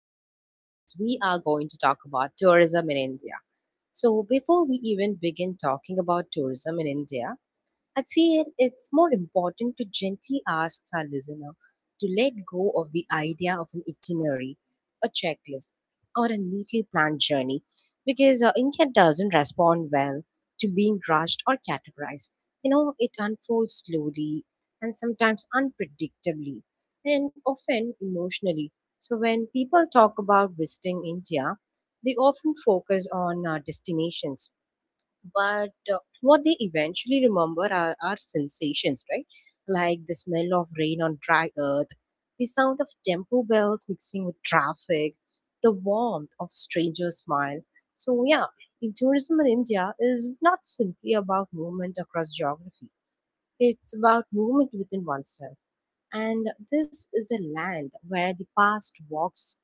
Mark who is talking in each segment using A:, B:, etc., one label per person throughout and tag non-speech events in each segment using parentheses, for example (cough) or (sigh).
A: in our podcast, we are going to talk about tourism in India. So before we even begin talking about tourism in India, I feel it's more important to gently ask our listener to let go of the idea of an itinerary, a checklist, or a neatly planned journey because India doesn't respond well to being rushed or categorized. You know, it unfolds slowly and sometimes unpredictably and often emotionally. So when people talk about visiting India, they often focus on destinations but what they eventually remember are sensations, right, like the smell of rain on dry earth, the sound of tempo bells mixing with traffic, the warmth of a stranger's smile. So yeah, in tourism in India is not simply about movement across geography, it's about movement within oneself. And this is a land where the past walks,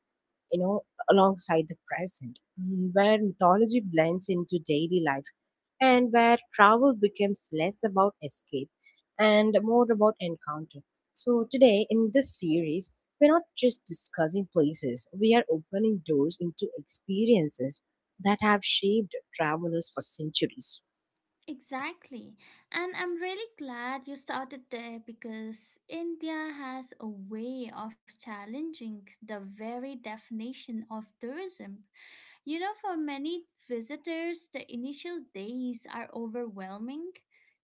A: you know, alongside the present, where mythology blends into daily life and where travel becomes less about escape and more about encounter. So today in this series, we're not just discussing places, we are opening doors into experiences that have shaped travelers for centuries.
B: Exactly. And I'm really glad you started there because India has a way of challenging the very definition of tourism. For many visitors, the initial days are overwhelming.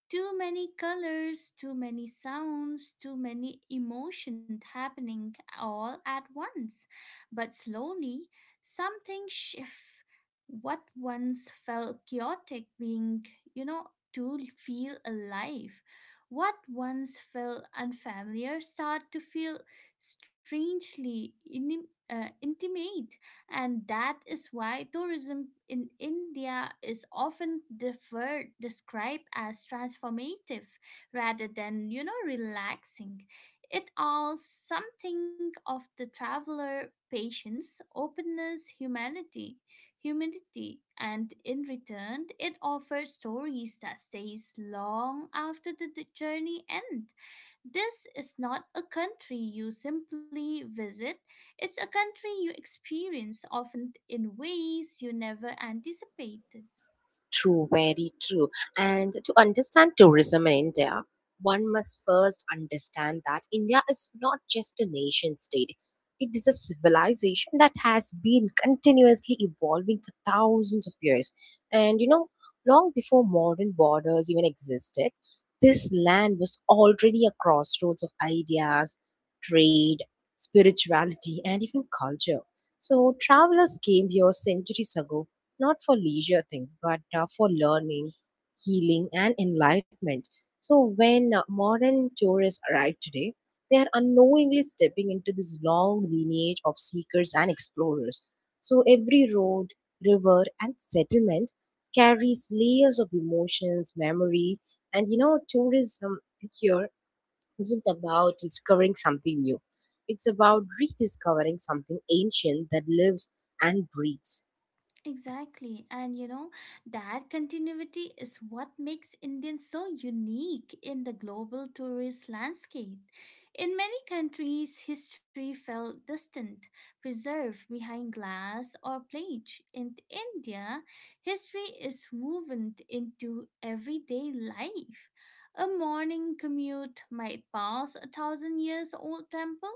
B: Too many colors, too many sounds, too many emotions happening all at once. But slowly, something shifts. What once felt chaotic being, you know, to feel alive. What once felt unfamiliar start to feel strangely intimate, and that is why tourism in India is often deferred, described as transformative rather than relaxing. It asks something of the traveler patience, openness, humanity, humidity, and in return, it offers stories that stays long after the journey end. This is not a country you simply visit, it's a country you experience often in ways you never anticipated.
A: True, very true. And to understand tourism in India, one must first understand that India is not just a nation state. It is a civilization that has been continuously evolving for thousands of years. And you know, long before modern borders even existed, this land was already a crossroads of ideas, trade, spirituality, and even culture. So travelers came here centuries ago not for leisure thing, but for learning, healing, and enlightenment. So when modern tourists arrive today, they are unknowingly stepping into this long lineage of seekers and explorers. So every road, river, and settlement carries layers of emotions, memory, and you know, tourism here isn't about discovering something new. It's about rediscovering something ancient that lives and breathes.
B: Exactly. And that continuity is what makes Indians so unique in the global tourist landscape. In many countries, history felt distant, preserved behind glass or plate. In India, history is woven into everyday life. A morning commute might pass a thousand years old temple.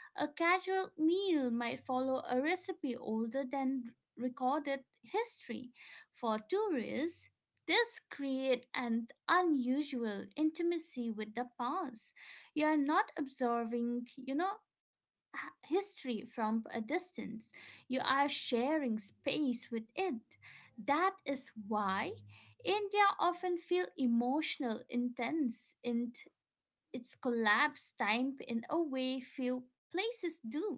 B: A casual meal might follow a recipe older than recorded history. For tourists, this creates an unusual intimacy with the past. You are not observingh- history from a distance. You are sharing space with it. That is why India often feel emotional intense in its collapse time in a way few places do.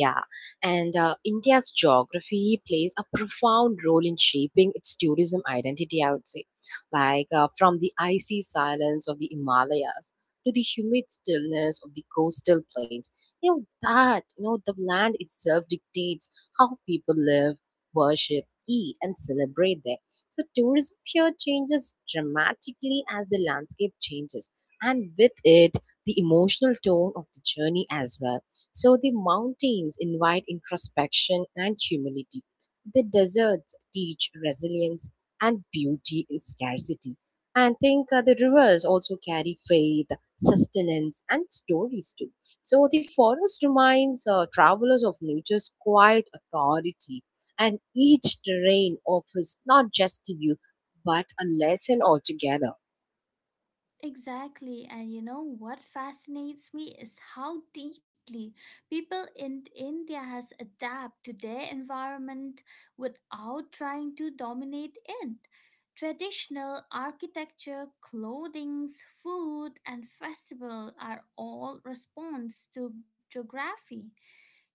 A: Yeah, and India's geography plays a profound role in shaping its tourism identity, I would say. Like from the icy silence of the Himalayas to the humid stillness of the coastal plains, you know, that, you know, the land itself dictates how people live, worship, eat, and celebrate there. So tourism here changes dramatically as the landscape changes, and with it, the emotional tone of the journey as well. So the mountains invite introspection and humility. The deserts teach resilience and beauty in scarcity. And think the rivers also carry faith, sustenance, and stories too. So the forest reminds travelers of nature's quiet authority, and each terrain offers not just a view but a lesson altogether.
B: Exactly, and you know what fascinates me is how deeply people in India has adapted to their environment without trying to dominate it. Traditional architecture, clothing, food, and festival are all response to geography.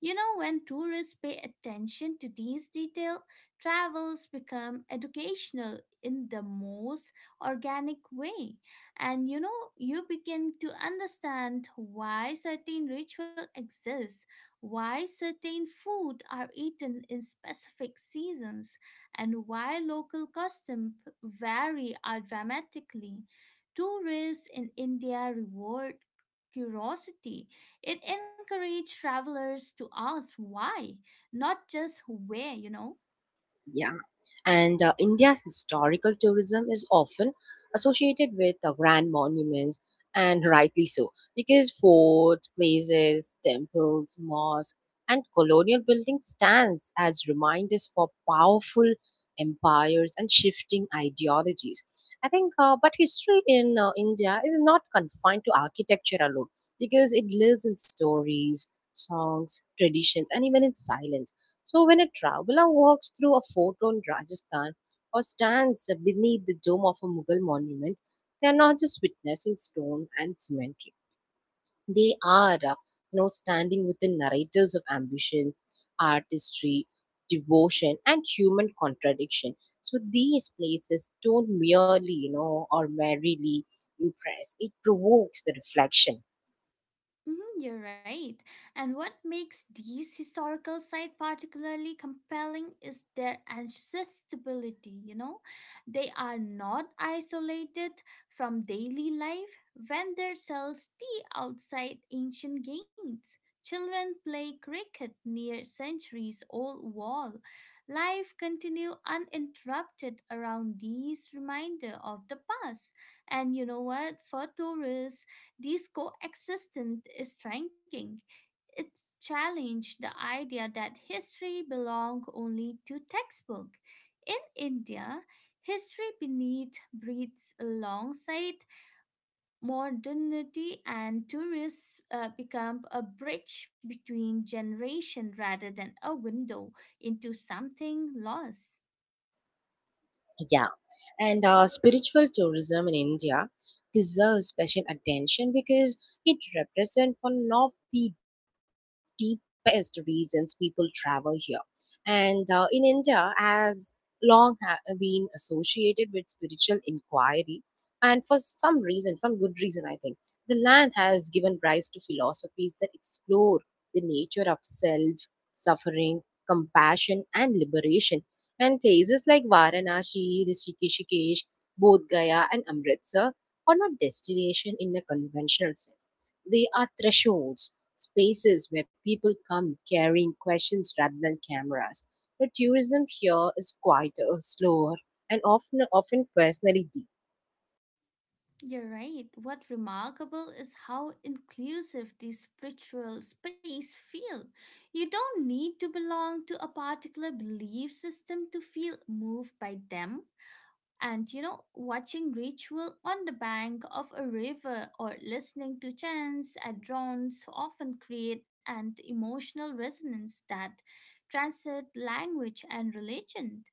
B: You know, when tourists pay attention to these details, travels become educational in the most organic way. And you know, you begin to understand why certain ritual exists, why certain food are eaten in specific seasons, and why local customs vary are dramatically. Tourists in India reward curiosity, it encouraged travelers to ask why, not just where.
A: Yeah, and India's historical tourism is often associated with grand monuments, and rightly so, because forts, places, temples, mosques, and colonial buildings stands as reminders for powerful empires and shifting ideologies. I think, but history in India is not confined to architecture alone, because it lives in stories, songs, traditions, and even in silence. So when a traveler walks through a fort in Rajasthan or stands beneath the dome of a Mughal monument, they are not just witnessing stone and cemetery. They are, you know, standing with the narratives of ambition, artistry, devotion, and human contradiction. So these places don't merely, you know, or merely impress. It provokes the reflection.
B: Mhm. You're right. And what makes these historical sites particularly compelling is their accessibility, you know? They are not isolated from daily life when there sells tea outside ancient gates. Children play cricket near centuries old wall. Life continue uninterrupted around these reminder of the past. And you know what? For tourists, this coexistence is striking. It challenged the idea that history belonged only to textbook. In India, history beneath breeds alongside modernity, and tourists become a bridge between generation rather than a window into something lost.
A: Yeah, and spiritual tourism in India deserves special attention because it represents one of the deepest reasons people travel here. And in India, has long been associated with spiritual inquiry, and for some reason, for good reason, I think, the land has given rise to philosophies that explore the nature of self, suffering, compassion, and liberation. And places like Varanasi, Rishikesh, Bodh Gaya, and Amritsar are not destinations in a conventional sense. They are thresholds, spaces where people come carrying questions rather than cameras. The tourism here is quieter, slower, and often personally deep.
B: You're right. What remarkable is how inclusive the spiritual space feel. You don't need to belong to a particular belief system to feel moved by them. And you know, watching ritual on the bank of a river or listening to chants at drones often create an emotional resonance that transcends language and religion.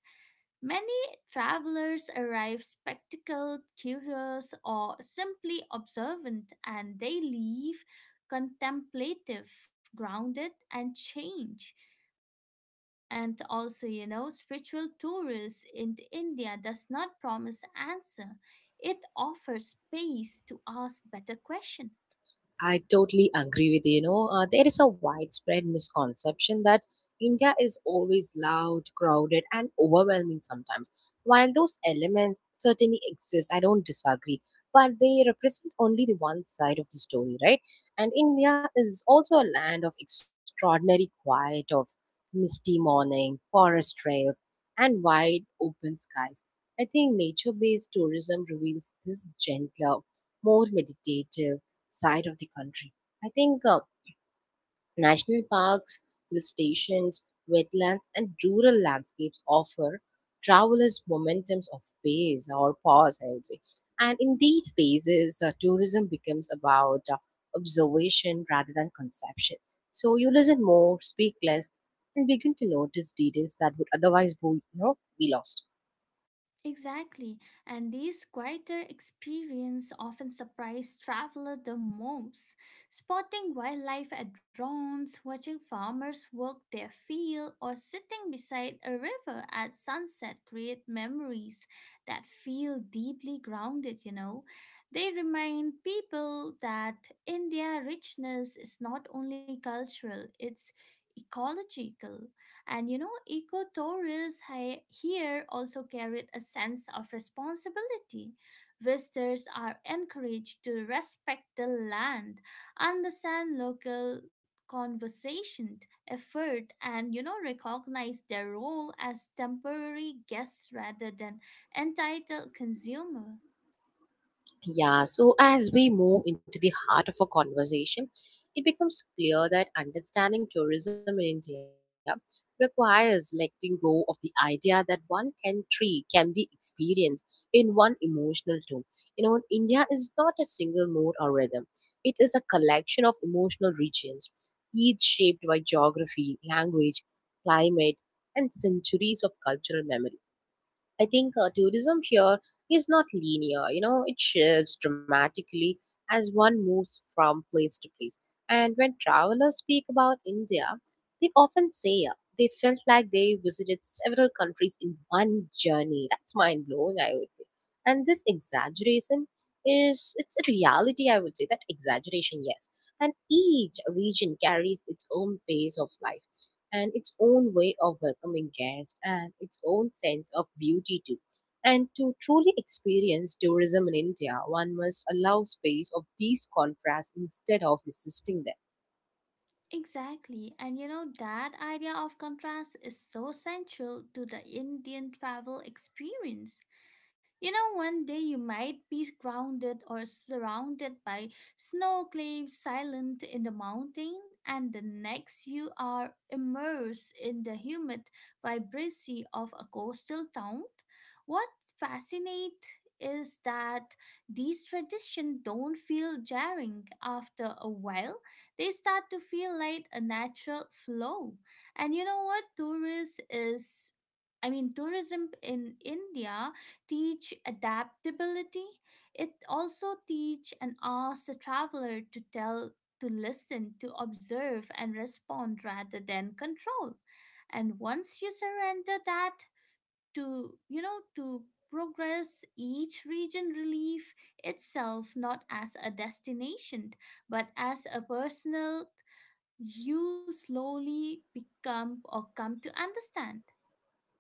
B: Many travelers arrive spectacled, curious, or simply observant, and they leave contemplative, grounded, and change. And also, spiritual tourism in India does not promise answer. It offers space to ask better questions.
A: I totally agree with you. You know, there is a widespread misconception that India is always loud, crowded, and overwhelming sometimes. While those elements certainly exist, I don't disagree, but they represent only the one side of the story, right? And India is also a land of extraordinary quiet, of misty morning, forest trails, and wide open skies. I think nature based tourism reveals this gentler, more meditative, side of the country. I think national parks, hill stations, wetlands, and rural landscapes offer travelers momentums of pace or pause, I would say. And in these spaces, tourism becomes about observation rather than conception. So you listen more, speak less, and begin to notice details that would otherwise be, you know, be lost.
B: Exactly, and these quieter experiences often surprise travelers the most. Spotting wildlife at drones, watching farmers work their field, or sitting beside a river at sunset create memories that feel deeply grounded. They remind people that India richness is not only cultural, it's ecological. And you know, ecotourists here also carried a sense of responsibility. Visitors are encouraged to respect the land, understand local conversation, effort, and you know, recognize their role as temporary guests rather than entitled consumer.
A: Yeah, so as we move into the heart of our conversation, it becomes clear that understanding tourism in India requires letting go of the idea that one country can be experienced in one emotional tone. You know, India is not a single mode or rhythm, it is a collection of emotional regions, each shaped by geography, language, climate, and centuries of cultural memory. I think tourism here is not linear, you know, it shifts dramatically as one moves from place to place. And when travelers speak about India, they often say they felt like they visited several countries in one journey. That's mind blowing, I would say. And this exaggeration is it's a reality, I would say, that exaggeration, yes. And each region carries its own pace of life and its own way of welcoming guests and its own sense of beauty too. And to truly experience tourism in India, one must allow space of these contrasts instead of resisting them.
B: Exactly, and that idea of contrast is so central to the Indian travel experience. One day you might be grounded or surrounded by snow cliffs silent in the mountain, and the next you are immersed in the humid vibrancy of a coastal town. What fascinates is that these traditions don't feel jarring after a while. They start to feel like a natural flow. And you know what? Tourists is I mean, tourism in India teach adaptability, it also teach and asks the traveler to listen to observe and respond rather than control, and once you surrender that to to progress each region relief itself not as a destination but as a personal you slowly become or come to understand.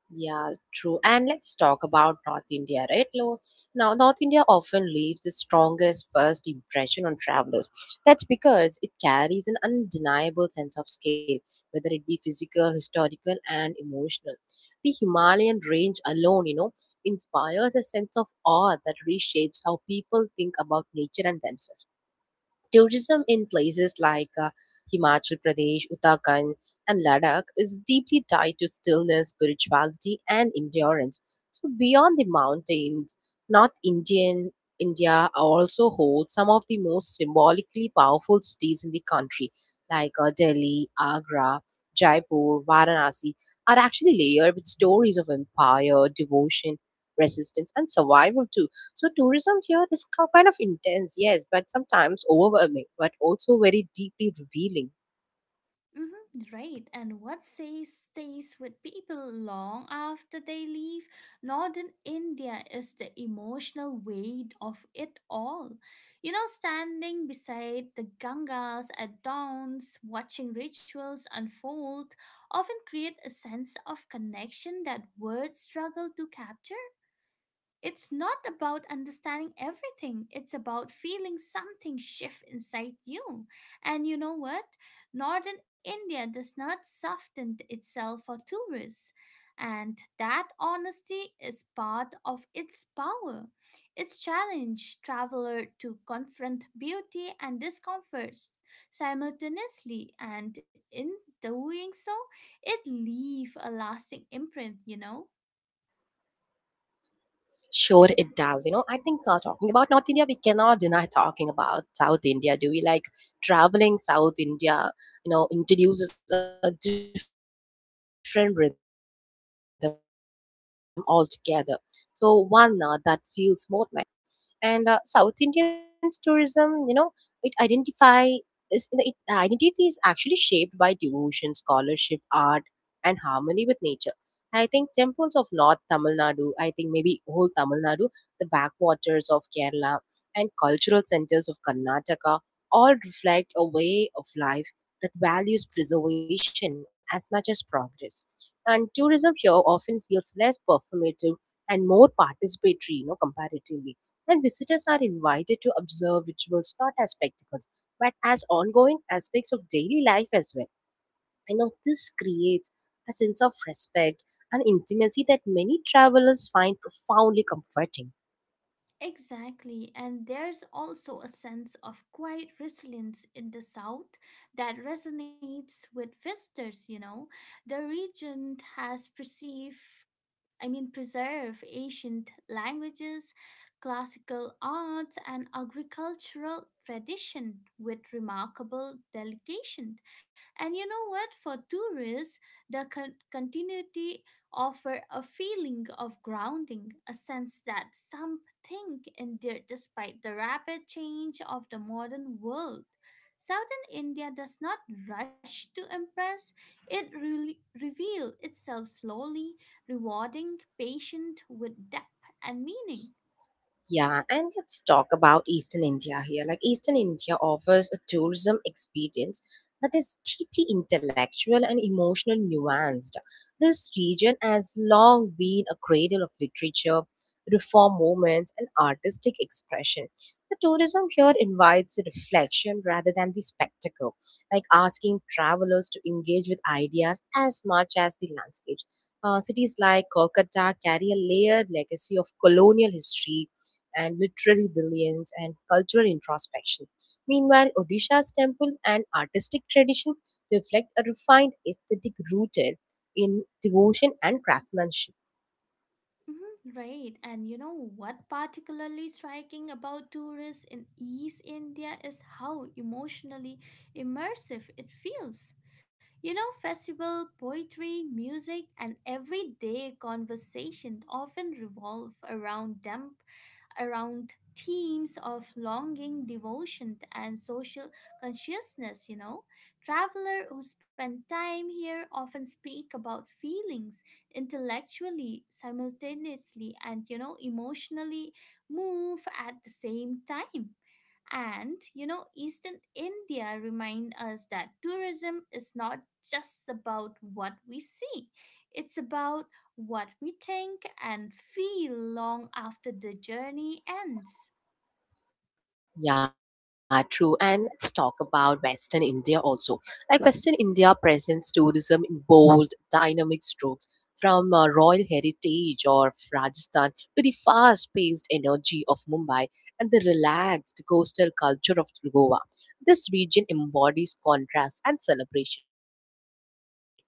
A: Yeah, true. And let's talk about North India, right? Now, North India often leaves the strongest first impression on travelers. That's because it carries an undeniable sense of scale, whether it be physical, historical, and emotional. The Himalayan range alone, you know, inspires a sense of awe that reshapes how people think about nature and themselves. Tourism in places like Himachal Pradesh, Uttarakhand, and Ladakh is deeply tied to stillness, spirituality, and endurance. So beyond the mountains, North Indian India also holds some of the most symbolically powerful cities in the country, like Delhi, Agra, Jaipur, Varanasi, are actually layered with stories of empire, devotion, resistance, and survival too. So tourism here is kind of intense, yes, but sometimes overwhelming, but also very deeply revealing.
B: Hmm, right. And what says stays with people long after they leave Northern India is the emotional weight of it all. You know, standing beside the Gangas at dawns, watching rituals unfold, often create a sense of connection that words struggle to capture. It's not about understanding everything. It's about feeling something shift inside you. And you know what? Northern India does not soften itself for tourists. And that honesty is part of its power. It's challenge traveler to confront beauty and discomforts simultaneously, and in doing so it leave a lasting imprint, you know?
A: Sure, it does. You know, I think talking about North India, we cannot deny talking about South India. Do we, like traveling South India? You know, introduces a different rhythm altogether. So one that feels more measured, introspective, and deeply rooted in continuity. And South Indian's tourism, you know, it identify is the it, the identity is actually shaped by devotion, scholarship, art, and harmony with nature. I think temples of North Tamil Nadu, I think maybe whole Tamil Nadu, the backwaters of Kerala, and cultural centers of Karnataka all reflect a way of life that values preservation as much as progress. And tourism here often feels less performative and more participatory, you know, comparatively. And visitors are invited to observe rituals not as spectacles, but as ongoing aspects of daily life as well. I know this creates a sense of respect and intimacy that many travelers find profoundly comforting.
B: Exactly, and there's also a sense of quiet resilience in the South that resonates with visitors. The region has perceived I mean, preserve ancient languages, classical arts, and agricultural tradition with remarkable delegation. And you know what? For tourists, the continuity offer a feeling of grounding, a sense that something endured despite the rapid change of the modern world. Southern India does not rush to impress; it really reveals itself slowly, rewarding patient with depth and meaning.
A: Yeah, and let's talk about Eastern India here. Like, Eastern India offers a tourism experience that is deeply intellectual and emotional nuanced. This region has long been a cradle of literature, reform movements, and artistic expression. The tourism here invites reflection rather than the spectacle, like asking travelers to engage with ideas as much as the landscapes. Cities like Kolkata carry a layered legacy of colonial history and literary brilliance and cultural introspection. Meanwhile, Odisha's temple and artistic tradition reflect a refined aesthetic rooted in devotion and craftsmanship.
B: Mhm, right, and you know what particularly striking about tourists in East India is how emotionally immersive it feels. You know, festival, poetry, music, and everyday conversation often revolve around temple around themes of longing, devotion, and social consciousness. You know, travelers who spend time here often speak about feelings intellectually, simultaneously, and you know, emotionally move at the same time. And you know, Eastern India remind us that tourism is not just about what we see. It's about what we think and feel long after the journey ends.
A: Yeah, true. And let's talk about Western India also. Like Western India presents tourism in bold, dynamic strokes from royal heritage of Rajasthan to the fast paced energy of Mumbai and the relaxed coastal culture of Goa. This region embodies contrast and celebration.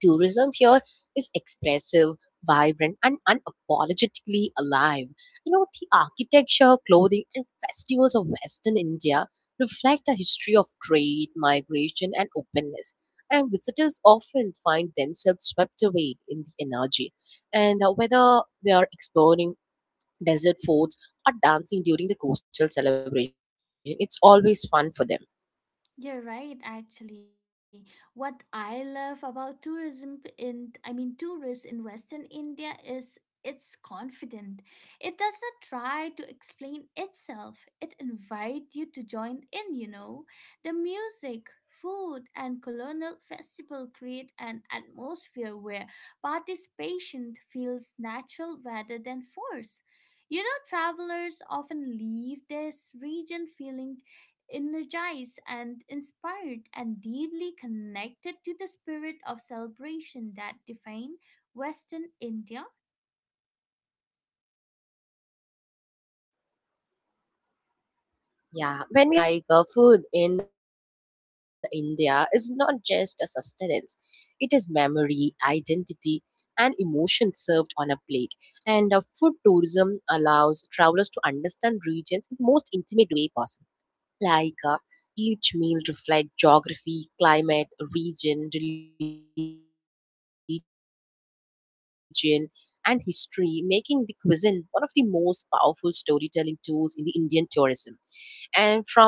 A: Tourism here is expressive, vibrant, and unapologetically alive. You know, the architecture, clothing, and festivals of Western India reflect a history of trade, migration, and openness. And visitors often find themselves swept away in the energy. And whether they are exploring desert forts or dancing during the coastal celebration, it's always fun for them.
B: You're right, actually. What I love about I mean, tourists in Western India is it's confident. It does not try to explain itself. It invites you to join in, you know. The music, food, and colonial festival create an atmosphere where participation feels natural rather than forced. You know, travelers often leave this region feeling energized and inspired and deeply connected to the spirit of celebration that defines Western India.
A: Yeah, when we are talking about tourism altogether, we cannot deny talking about food, do we? Like, food in India is not just a sustenance, it is memory, identity, and emotion served on a plate. And food tourism allows travelers to understand regions in the most intimate way possible, like uh, each meal reflects geography, climate, region, religion, and history, making the cuisine one of the most powerful storytelling tools in the Indian tourism. And from roadside stalls to ceremonial feasts,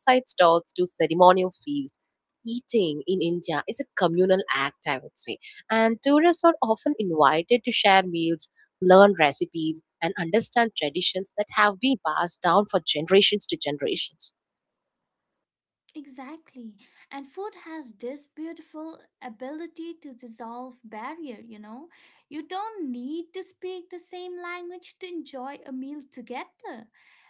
A: eating in India is a communal act, I would say. And tourists are often invited to share meals, learn recipes, and understand traditions that have been passed down for generations to generations.
B: Exactly. And food has this beautiful ability to dissolve barrier, you know. You don't need to speak the same language to enjoy a meal together.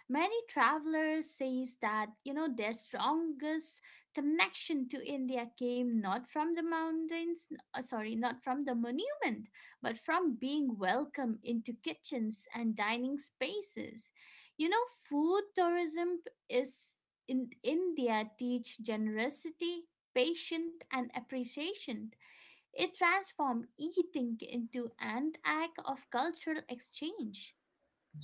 B: Many travelers says that their strongest connection to India came not from the mountains, sorry, not from the monument, but from being welcome into kitchens and dining spaces. You know, food tourism is in India teach generosity, patience, and appreciation. It transformed eating into an act of cultural exchange.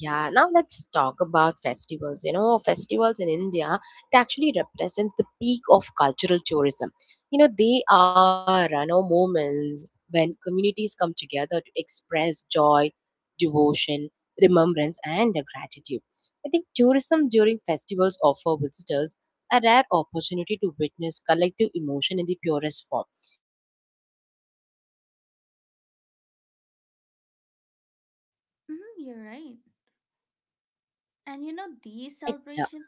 A: Yeah, now let's talk about festivals. Festivals in India, it actually represents the peak of cultural tourism. You know, they are, moments when communities come together to express joy, devotion, remembrance, and their gratitude. I think tourism during festivals offer visitors a rare opportunity to witness collective emotion in the purest form. And these celebrations are not designed for outsiders, yet
B: Mhm,
A: outsiders
B: you're right.
A: often warmly welcome, yeah.
B: And
A: and uh,
B: these
A: this
B: celebrations.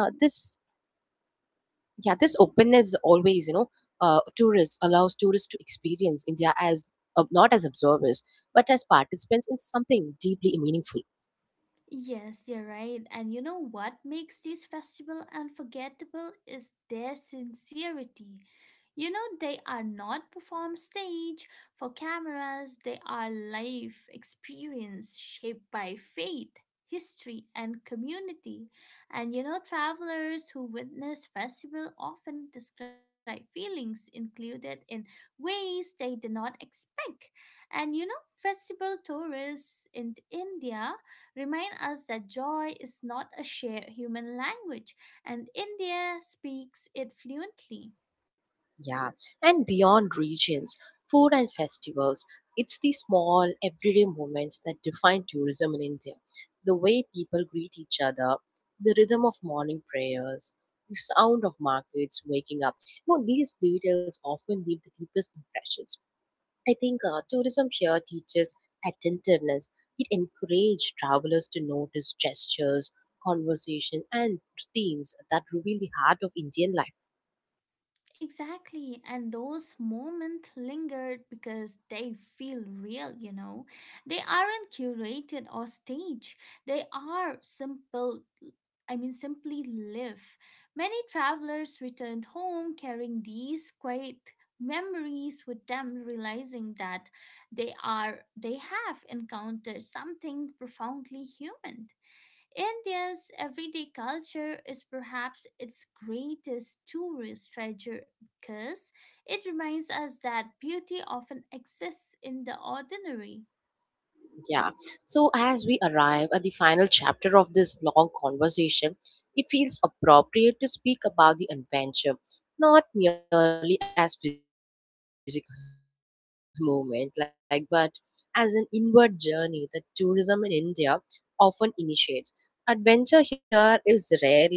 A: yeah this openness always, tourists allows tourists to experience India as, not as observers but as participants in something deeply meaningful.
B: Yes, you're right. And you know what makes this festival unforgettable is their sincerity. You know, they are not performed stage for cameras, they are life experience shaped by faith, history, and community. And you know, travelers who witness festival often describe feelings included in ways they did not expect. And you know, festival tourists in India remind us that joy is not a shared human language, and India speaks it fluently.
A: Yeah, and beyond regions, food and festivals, it's the small everyday moments that define tourism in India. The way people greet each other, the rhythm of morning prayers, the sound of markets waking up. You know, these details often leave the deepest impressions. I think tourism here teaches attentiveness. It encourages travelers to notice gestures, conversation, and routines that reveal the heart of Indian life.
B: Exactly, and those moments lingered because they feel real, you know. They aren't curated or staged. They are simple, I mean, simply live. Many travelers returned home carrying these quiet memories with them realizing that they have encountered something profoundly human. India's everyday culture is perhaps its greatest tourist treasure because it reminds us that beauty often exists in the ordinary.
A: Yeah. So as we arrive at the final chapter of this long conversation, it feels appropriate to speak about the adventure, not merely as physical (laughs) movement, like, but as an inward journey that tourism in India often initiates. Adventure here is rarely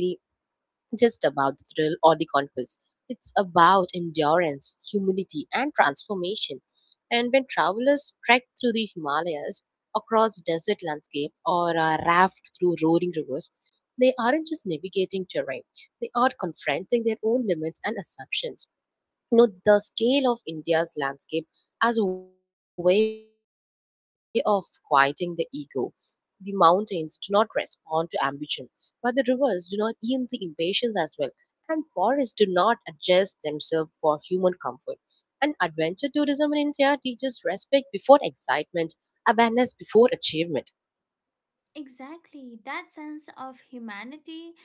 A: just about the thrill or the conquest. It's about endurance, humility, and transformation. And when travelers trek through the Himalayas, across desert landscape, or raft through roaring rivers, they aren't just navigating terrain, they are confronting their own limits and assumptions. You know, the scale of India's landscape as a way of quieting the ego, the mountains do not respond to ambition, but the rivers do not yield to impatience as well, and forests do not adjust themselves for human comfort. And adventure tourism in India teaches respect before excitement, awareness before achievement.
B: Exactly, that sense of humanity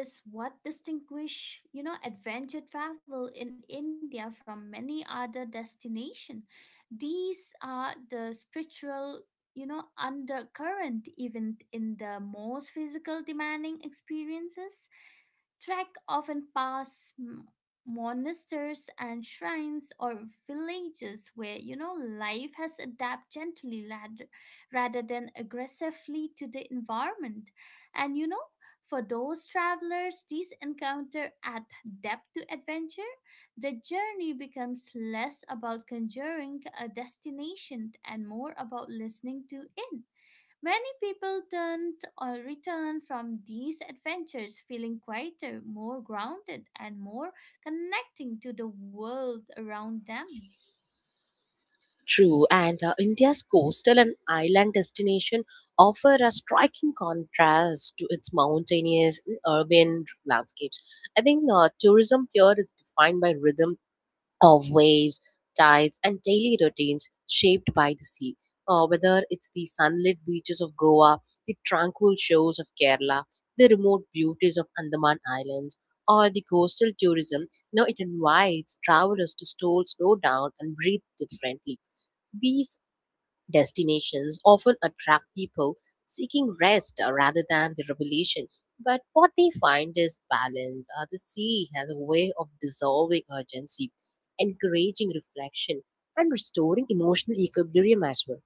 B: is what distinguish adventure travel in India from many other destinations. These are the spiritual undercurrent even in the most physical demanding experiences. Trek often pass monasteries and shrines or villages where life has adapted gently rather than aggressively to the environment, and for those travelers these encounter add depth to adventure, the journey becomes less about conjuring a destination and more about listening to it. Many people turned or returned from these adventures feeling quieter, more grounded, and more connecting to the world around them.
A: True, and India's coastal and island destination offer a striking contrast to its mountainous and urban landscapes. I think tourism here is defined by rhythm of waves, tides, and daily routines shaped by the sea. Whether it's the sunlit beaches of Goa, the tranquil shores of Kerala, the remote beauties of Andaman Islands, or the coastal tourism, you know, it invites travelers to slow down and breathe differently. These destinations often attract people seeking rest, rather than the revelation. But what they find is balance. The sea has a way of dissolving urgency, encouraging reflection, and restoring emotional equilibrium as well.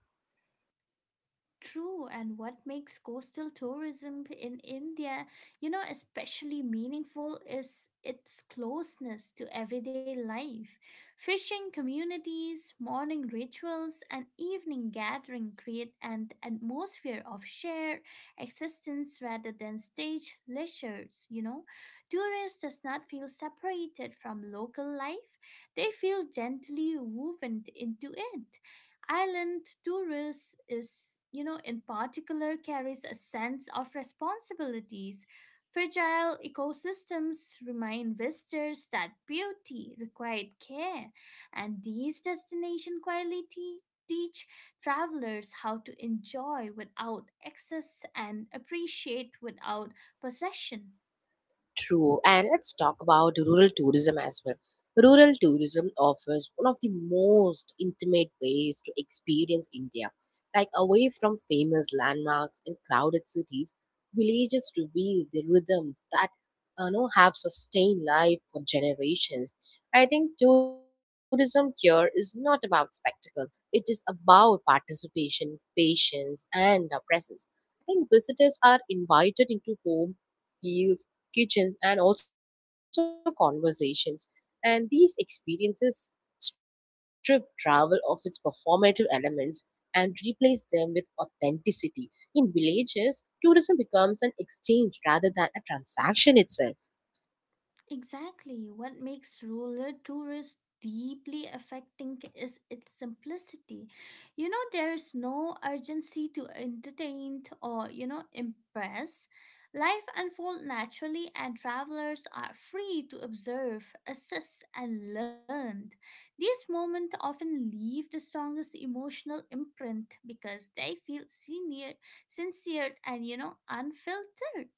B: True, and what makes coastal tourism in India, you know, especially meaningful is its closeness to everyday life. Fishing communities, morning rituals, and evening gathering create an atmosphere of shared existence rather than stage leisures, you know. Tourists does not feel separated from local life. They feel gently woven into it. Island tourists is in particular carries a sense of responsibilities. Fragile ecosystems remind visitors that beauty required care, and these destinations quietly teach travelers how to enjoy without excess and appreciate without possession.
A: True. And let's talk about rural tourism as well. Rural tourism offers one of the most intimate ways to experience India. Like away from famous landmarks and crowded cities, villages reveal the rhythms that, you know, have sustained life for generations. I think tourism here is not about spectacle. It is about participation, patience, and presence. I think visitors are invited into home, fields, kitchens, and also conversations. And these experiences strip travel of its performative elements and replace them with authenticity. In villages, tourism becomes an exchange rather than a transaction itself.
B: Exactly. What makes rural tourist deeply affecting is its simplicity. You know, there's no urgency to entertain impress. Life unfolds naturally and travelers are free to observe, assess and learn. These moments often leave the strongest emotional imprint because they feel senior, sincere and unfiltered.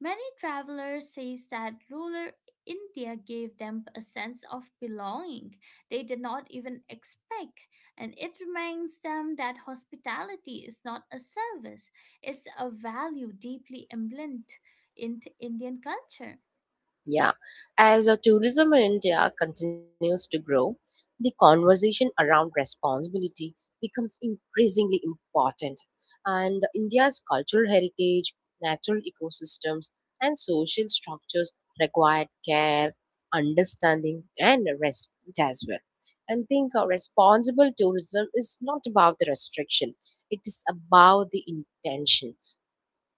B: Many travelers say that rural India gave them a sense of belonging they did not even expect, and it reminds them that hospitality is not a service, it's a value deeply emblazoned into Indian culture.
A: Yeah, as tourism in India continues to grow, the conversation around responsibility becomes increasingly important. And India's cultural heritage, natural ecosystems, and social structures require care, understanding, and respect as well. And think, responsible tourism is not about the restriction, it is about the intention.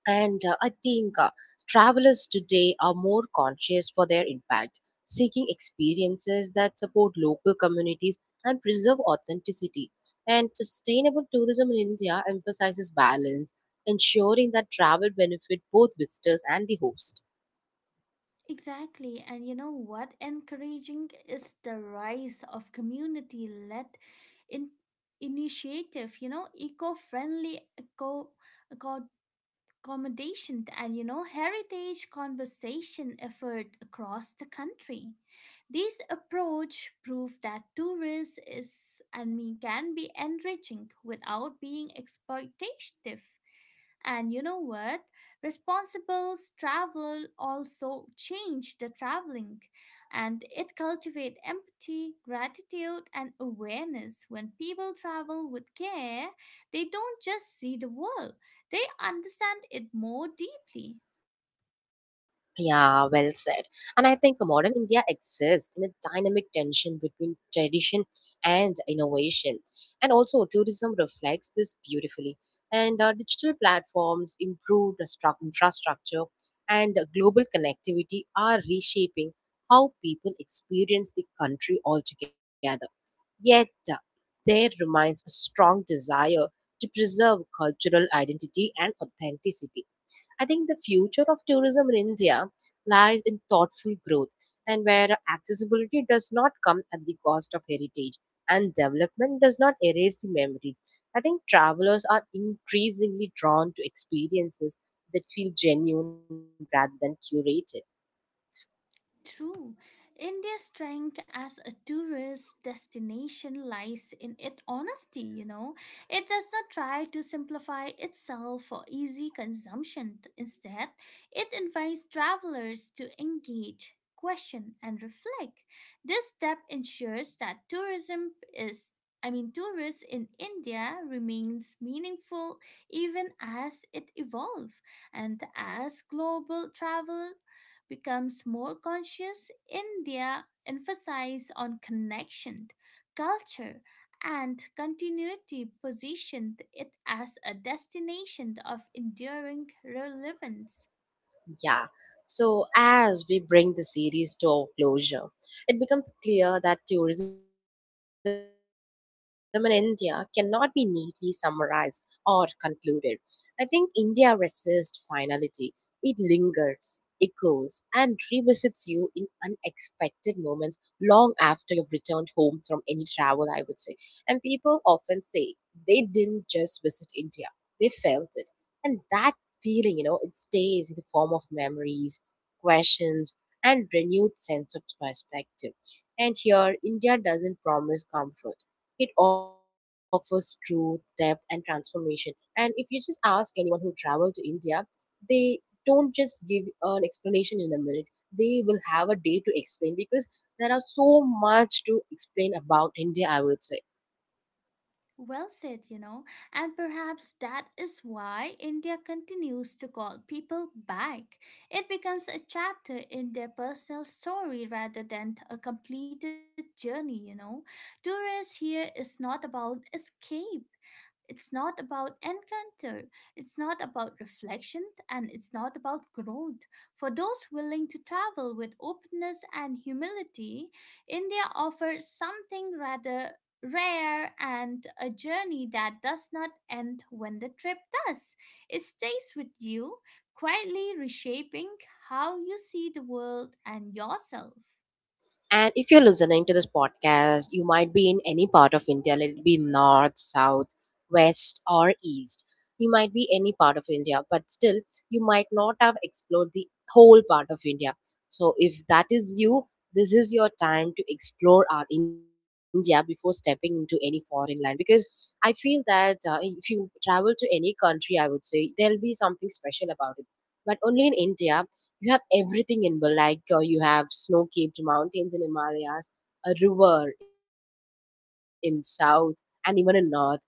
A: And I think travelers today are more conscious for their impact, seeking experiences that support local communities and preserve authenticity. And sustainable tourism in India emphasizes balance, ensuring that travel benefit both visitors and the host.
B: Exactly, and you know what? Encouraging is the rise of community led in- initiative, you know, eco friendly eco accommodation and you know heritage conversation effort across the country. This approach proved that tourism is I mean can be enriching without being exploitative. And you know what? Responsible travel also change the traveling, and it cultivate empathy, gratitude and awareness. When people travel with care, they don't just see the world, they understand it more deeply.
A: Yeah, well said. And I think modern India exists in a dynamic tension between tradition and innovation. And also, tourism reflects this beautifully. And digital platforms, improved infrastructure, and global connectivity are reshaping how people experience the country altogether. Yet, there remains a strong desire to preserve cultural identity and authenticity. I think the future of tourism in India lies in thoughtful growth, and where accessibility does not come at the cost of heritage, and development does not erase the memory. I think travelers are increasingly drawn to experiences that feel genuine rather than curated.
B: True. India's strength as a tourist destination lies in its honesty, you know. It does not try to simplify itself for easy consumption. Instead, it invites travelers to engage, question, and reflect. This step ensures that tourism is I mean, tourists in India remains meaningful even as it evolves, and as global travel becomes more conscious in their emphasis on connection, culture, and continuity, positioned it as a destination of enduring relevance.
A: Yeah. So, as we bring the series to a closure, it becomes clear that tourism in India cannot be neatly summarized or concluded. I think India resists finality, it lingers, echoes, and revisits you in unexpected moments long after you've returned home from any travel, I would say. And people often say they didn't just visit India, they felt it. And that feeling, you know, it stays in the form of memories, questions, and renewed sense of perspective. And here, India doesn't promise comfort. It offers truth, depth, and transformation. And if you just ask anyone who traveled to India, they don't just give an explanation in a minute. They will have a day to explain because there are so much to explain about India, I would say.
B: Well said and perhaps that is why India continues to call people back. It becomes a chapter in their personal story rather than a completed journey. Tourists here is not about escape, it's not about encounter, it's not about reflection, and it's not about growth. For those willing to travel with openness and humility, India offers something rather rare, and a journey that does not end when the trip does. It stays with you, quietly reshaping how you see the world and yourself.
A: And if you're listening to this podcast, you might be in any part of India, let it be north, south, west, or east. You might be any part of India, but still, you might not have explored the whole part of India. So, if that is you, this is your time to explore our India before stepping into any foreign land, because I feel that, if you travel to any country, I would say there'll be something special about it. But only in India, you have everything in Malacca. You have snow-capped mountains in Himalayas, a river in south and even in north, and you know,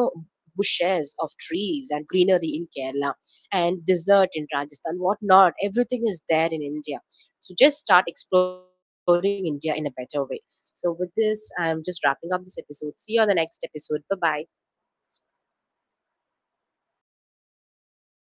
A: bushes of trees and greenery in Kerala and desert in Rajasthan, whatnot. Everything is there in India. So just start exploring India in a better way. So with this, I'm just wrapping up this episode. See you on the next episode. Bye bye.